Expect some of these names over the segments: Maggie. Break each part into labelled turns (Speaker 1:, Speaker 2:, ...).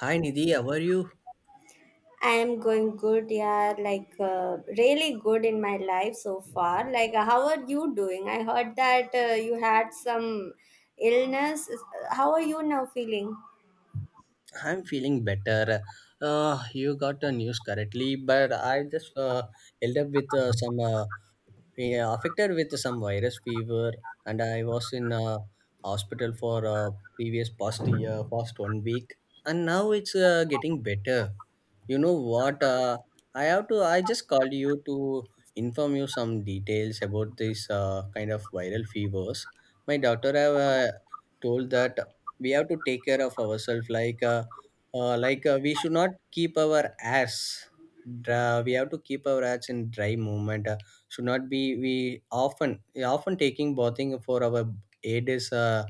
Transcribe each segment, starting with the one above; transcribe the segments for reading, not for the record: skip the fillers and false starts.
Speaker 1: Hi Nidhi, how are you?
Speaker 2: I am going good, yeah, like really good in my life so far. How are you doing? I heard that you had some illness. How are you now feeling?
Speaker 1: I'm feeling better. You got the news correctly, but I just held up with some yeah, affected with some virus fever, and I was in hospital for previous past year, past one week, and now it's getting better. You know what? I have to. I just called you to inform you some details about this kind of viral fevers. My daughter have told that we have to take care of ourselves. Like, we should not keep our ass dry. We have to keep our ass in dry movement. Should not be we often taking bathing for our aid is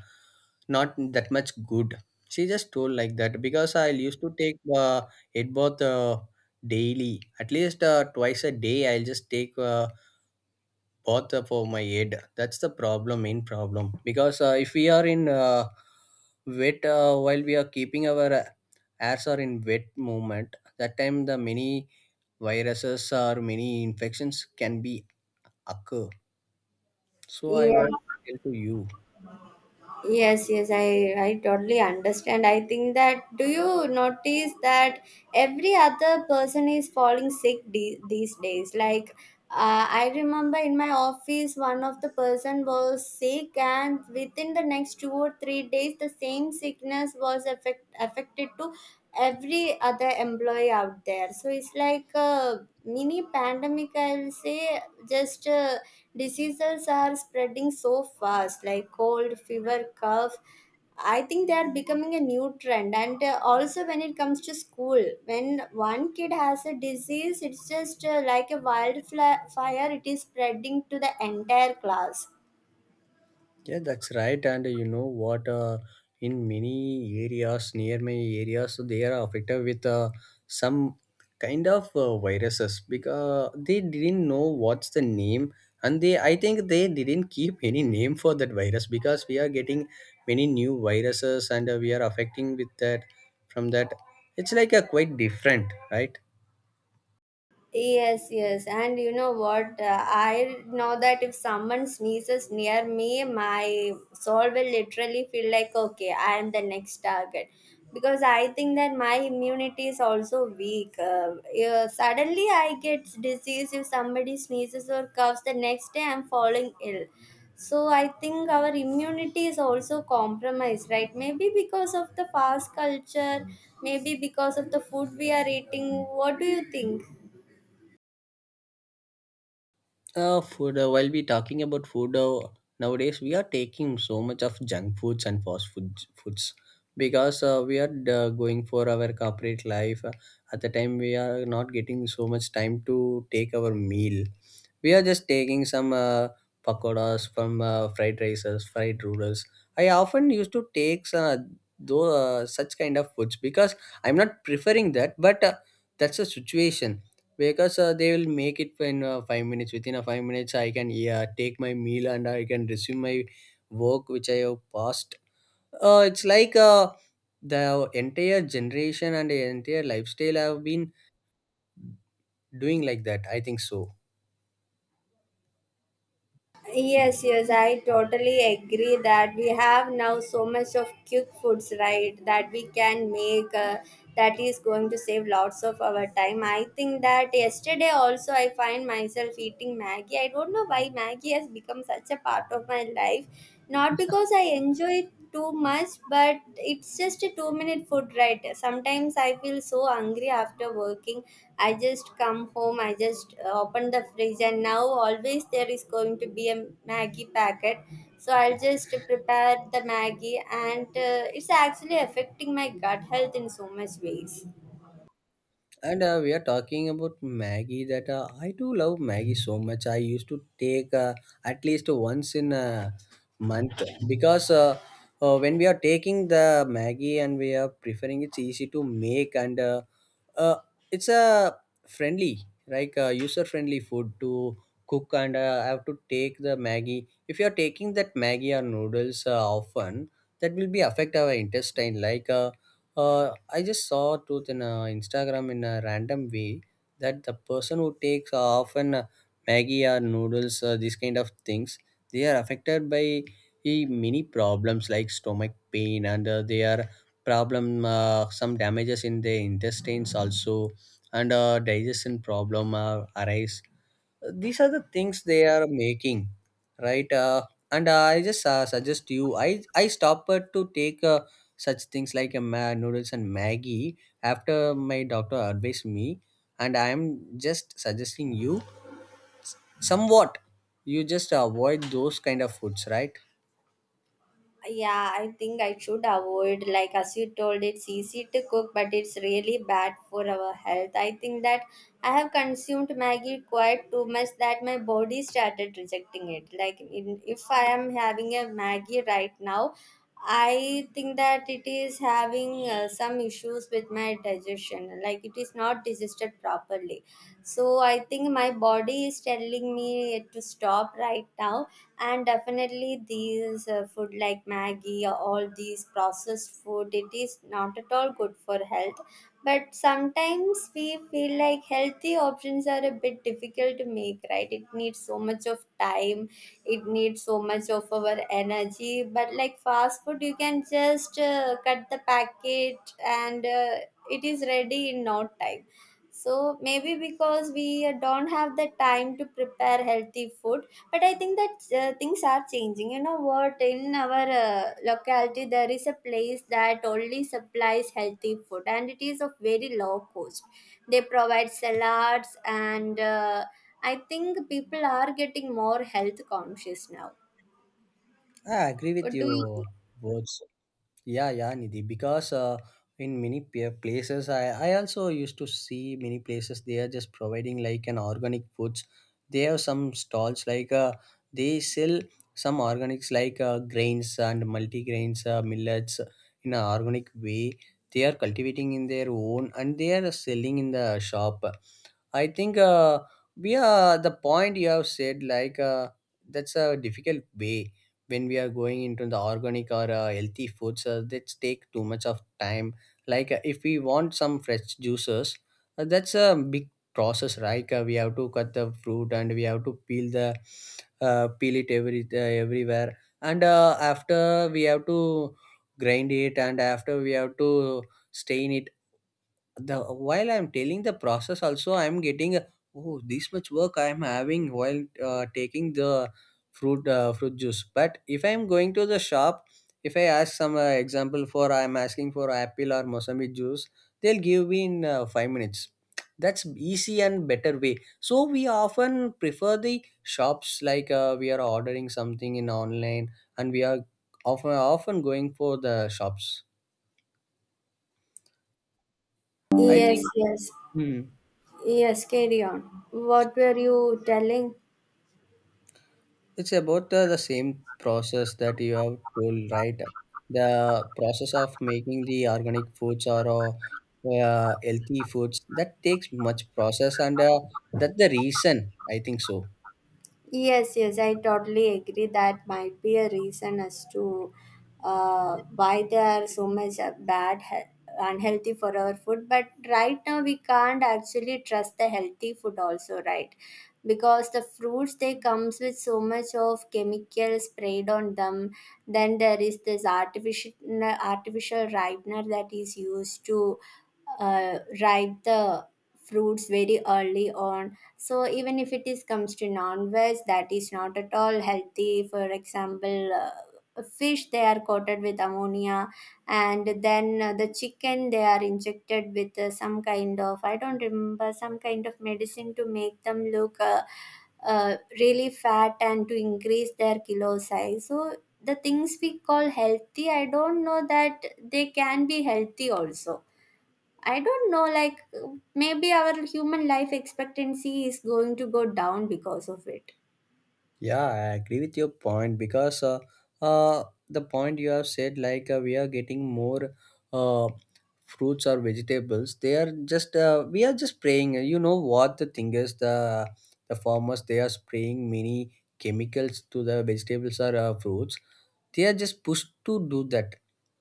Speaker 1: not that much good. She just told like that because I used to take head bath daily, at least twice a day, I'll just take bath for my head. That's the problem, main problem because if we are in wet while we are keeping our hairs are in wet movement. That time the many viruses or many infections can be occur, so I
Speaker 2: Yeah.
Speaker 1: want to tell to you.
Speaker 2: Yes, yes, I totally understand. I think that, do you notice that every other person is falling sick these days? I remember in my office, one of the person was sick, and within the next 2 or 3 days, the same sickness was affected to every other employee out there. So it's like a mini pandemic, I will say. Just Diseases are spreading so fast, like cold, fever, cough. I think they are becoming a new trend. And Also, when it comes to school, when one kid has a disease, it's just like a wildfire, it is spreading to the entire class.
Speaker 1: Yeah, that's right. And you know what? In many areas, near my areas, they are affected with some kind of viruses because they didn't know what's the name, and they I think they didn't keep any name for that virus, because we are getting many new viruses, and we are affecting with that from that. It's like a quite different, right?
Speaker 2: Yes, yes. And you know what? I know that if someone sneezes near me, my soul will literally feel like, okay, I am the next target. Because I think that my immunity is also weak. Yeah, suddenly I get disease if somebody sneezes or coughs. The next day I'm falling ill. So I think our immunity is also compromised, right? Maybe because of the fast culture, maybe because of the food we are eating. What do you think?
Speaker 1: Food. While we talking about food, nowadays we are taking so much of junk foods and fast foods because we are going for our corporate life. At the time, we are not getting so much time to take our meal. We are just taking some pakoras from fried rices, fried noodles. I often used to take though such kind of foods because I'm not preferring that, but that's a situation because they will make it in 5 minutes. Within a 5 minutes I can, yeah, take my meal, and I can resume my work which I have passed. It's like the entire generation and the entire lifestyle have been doing like that, I think so.
Speaker 2: Yes, yes, I totally agree that we have now so much of quick foods, right? That we can make, that is going to save lots of our time. I think that yesterday also I find myself eating Maggie. I don't know why Maggie has become such a part of my life. Not because I enjoy it too much, but it's just a 2 minute food, right? Sometimes I feel so hungry after working. I just come home, I just open the fridge, and now always there is going to be a Maggie packet. So I'll just prepare the Maggie, and it's actually affecting my gut health in so much ways.
Speaker 1: And we are talking about Maggie. That I do love Maggie so much. I used to take at least once in a month, because when we are taking the Maggie and we are preferring, it's easy to make, and uh, it's a friendly, like user friendly food to cook. And I have to take the Maggie. If you are taking that Maggie or noodles often, that will be affect our intestine. I just saw truth in Instagram in a random way that the person who takes often Maggie or noodles, these kind of things, they are affected by many problems like stomach pain, and they are problem, some damages in the intestines also, and digestion problem arise. These are the things they are making, right? And I just suggest you, I stop to take such things like a noodles and Maggie, after my doctor advised me. And I am just suggesting you, somewhat you just avoid those kind of foods, right?
Speaker 2: Yeah, I think I should avoid, like as you told, it's easy to cook but it's really bad for our health. I think that I have consumed Maggie quite too much that my body started rejecting it. If I am having a Maggie right now, I think that it is having some issues with my digestion, like it is not digested properly. So I think my body is telling me to stop right now, and definitely these food like Maggie or all these processed food, it is not at all good for health. But sometimes we feel like healthy options are a bit difficult to make, right? It needs so much of time, it needs so much of our energy. But like fast food, you can just cut the packet, and it is ready in no time. So maybe because we don't have the time to prepare healthy food, but I think that things are changing. You know what? In our locality, there is a place that only supplies healthy food, and it is of very low cost. They provide salads, and I think people are getting more health conscious now.
Speaker 1: I agree with
Speaker 2: What do
Speaker 1: you
Speaker 2: you think?
Speaker 1: both. Yeah, yeah, Nidhi. Because in many places, I also used to see many places they are just providing like an organic foods. They have some stalls like they sell some organics like grains and multigrains, millets in an organic way. They are cultivating in their own and they are selling in the shop. I think we are the point you have said, like that's a difficult way when we are going into the organic or healthy foods that take too much of time. Like if we want some fresh juices, that's a big process, right? We have to cut the fruit, and we have to peel the peel it every everywhere, and after we have to grind it, and after we have to stain it. The while I'm telling the process also, I'm getting a, oh, this much work I'm having while taking the fruit juice. But if I'm going to the shop, if I ask some example for, I'm asking for apple or mosambi juice, they'll give me in 5 minutes. That's easy and better way, so we often prefer the shops. Like we are ordering something in online, and we are often going for the shops. I
Speaker 2: Yes,
Speaker 1: think,
Speaker 2: yes,
Speaker 1: hmm.
Speaker 2: yes. Carry on. What were you telling?
Speaker 1: It's about the same process that you have told, right? The process of making the organic foods or healthy foods that takes much process, and that's the reason, I think so.
Speaker 2: Yes, yes, I totally agree. That might be a reason as to why they are so much bad, unhealthy for our food. But right now, we can't actually trust the healthy food also, right? Because the fruits, they comes with so much of chemical sprayed on them. Then there is this artificial ripener that is used to ripe the fruits very early on. So even if it is comes to non-veg, that is not at all healthy. For example, fish, they are coated with ammonia, and then the chicken, they are injected with some kind of, I don't remember, some kind of medicine to make them look really fat and to increase their kilo size. So the things we call healthy, I don't know that they can be healthy also. I don't know, like, maybe our human life expectancy is going to go down because of it.
Speaker 1: Yeah, I agree with your point because the point you have said, like we are getting more uh, fruits or vegetables. They are just we are just spraying. You know what the thing is, the farmers they are spraying many chemicals to the vegetables or fruits. They are just pushed to do that,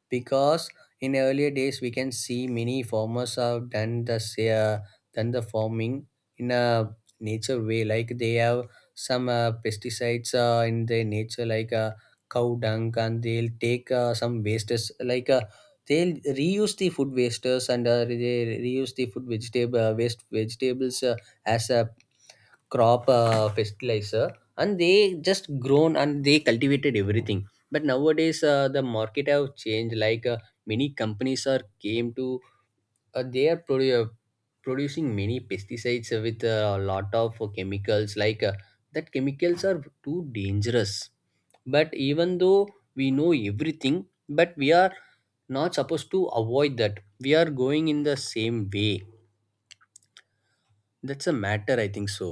Speaker 1: because in earlier days we can see many farmers have done the done the farming in a nature way. Like they have some pesticides in their nature, like cow dung, and they'll take some wastes like they'll reuse the food wastes, and they reuse the food vegetable waste vegetables as a crop fertilizer, and they just grown and they cultivated everything. But nowadays the market have changed. Like many companies are came to they are producing many pesticides with a lot of chemicals. Like that chemicals are too dangerous, but even though we know everything, but we are not supposed to avoid that. We are going in the same way. That's a matter, I think so.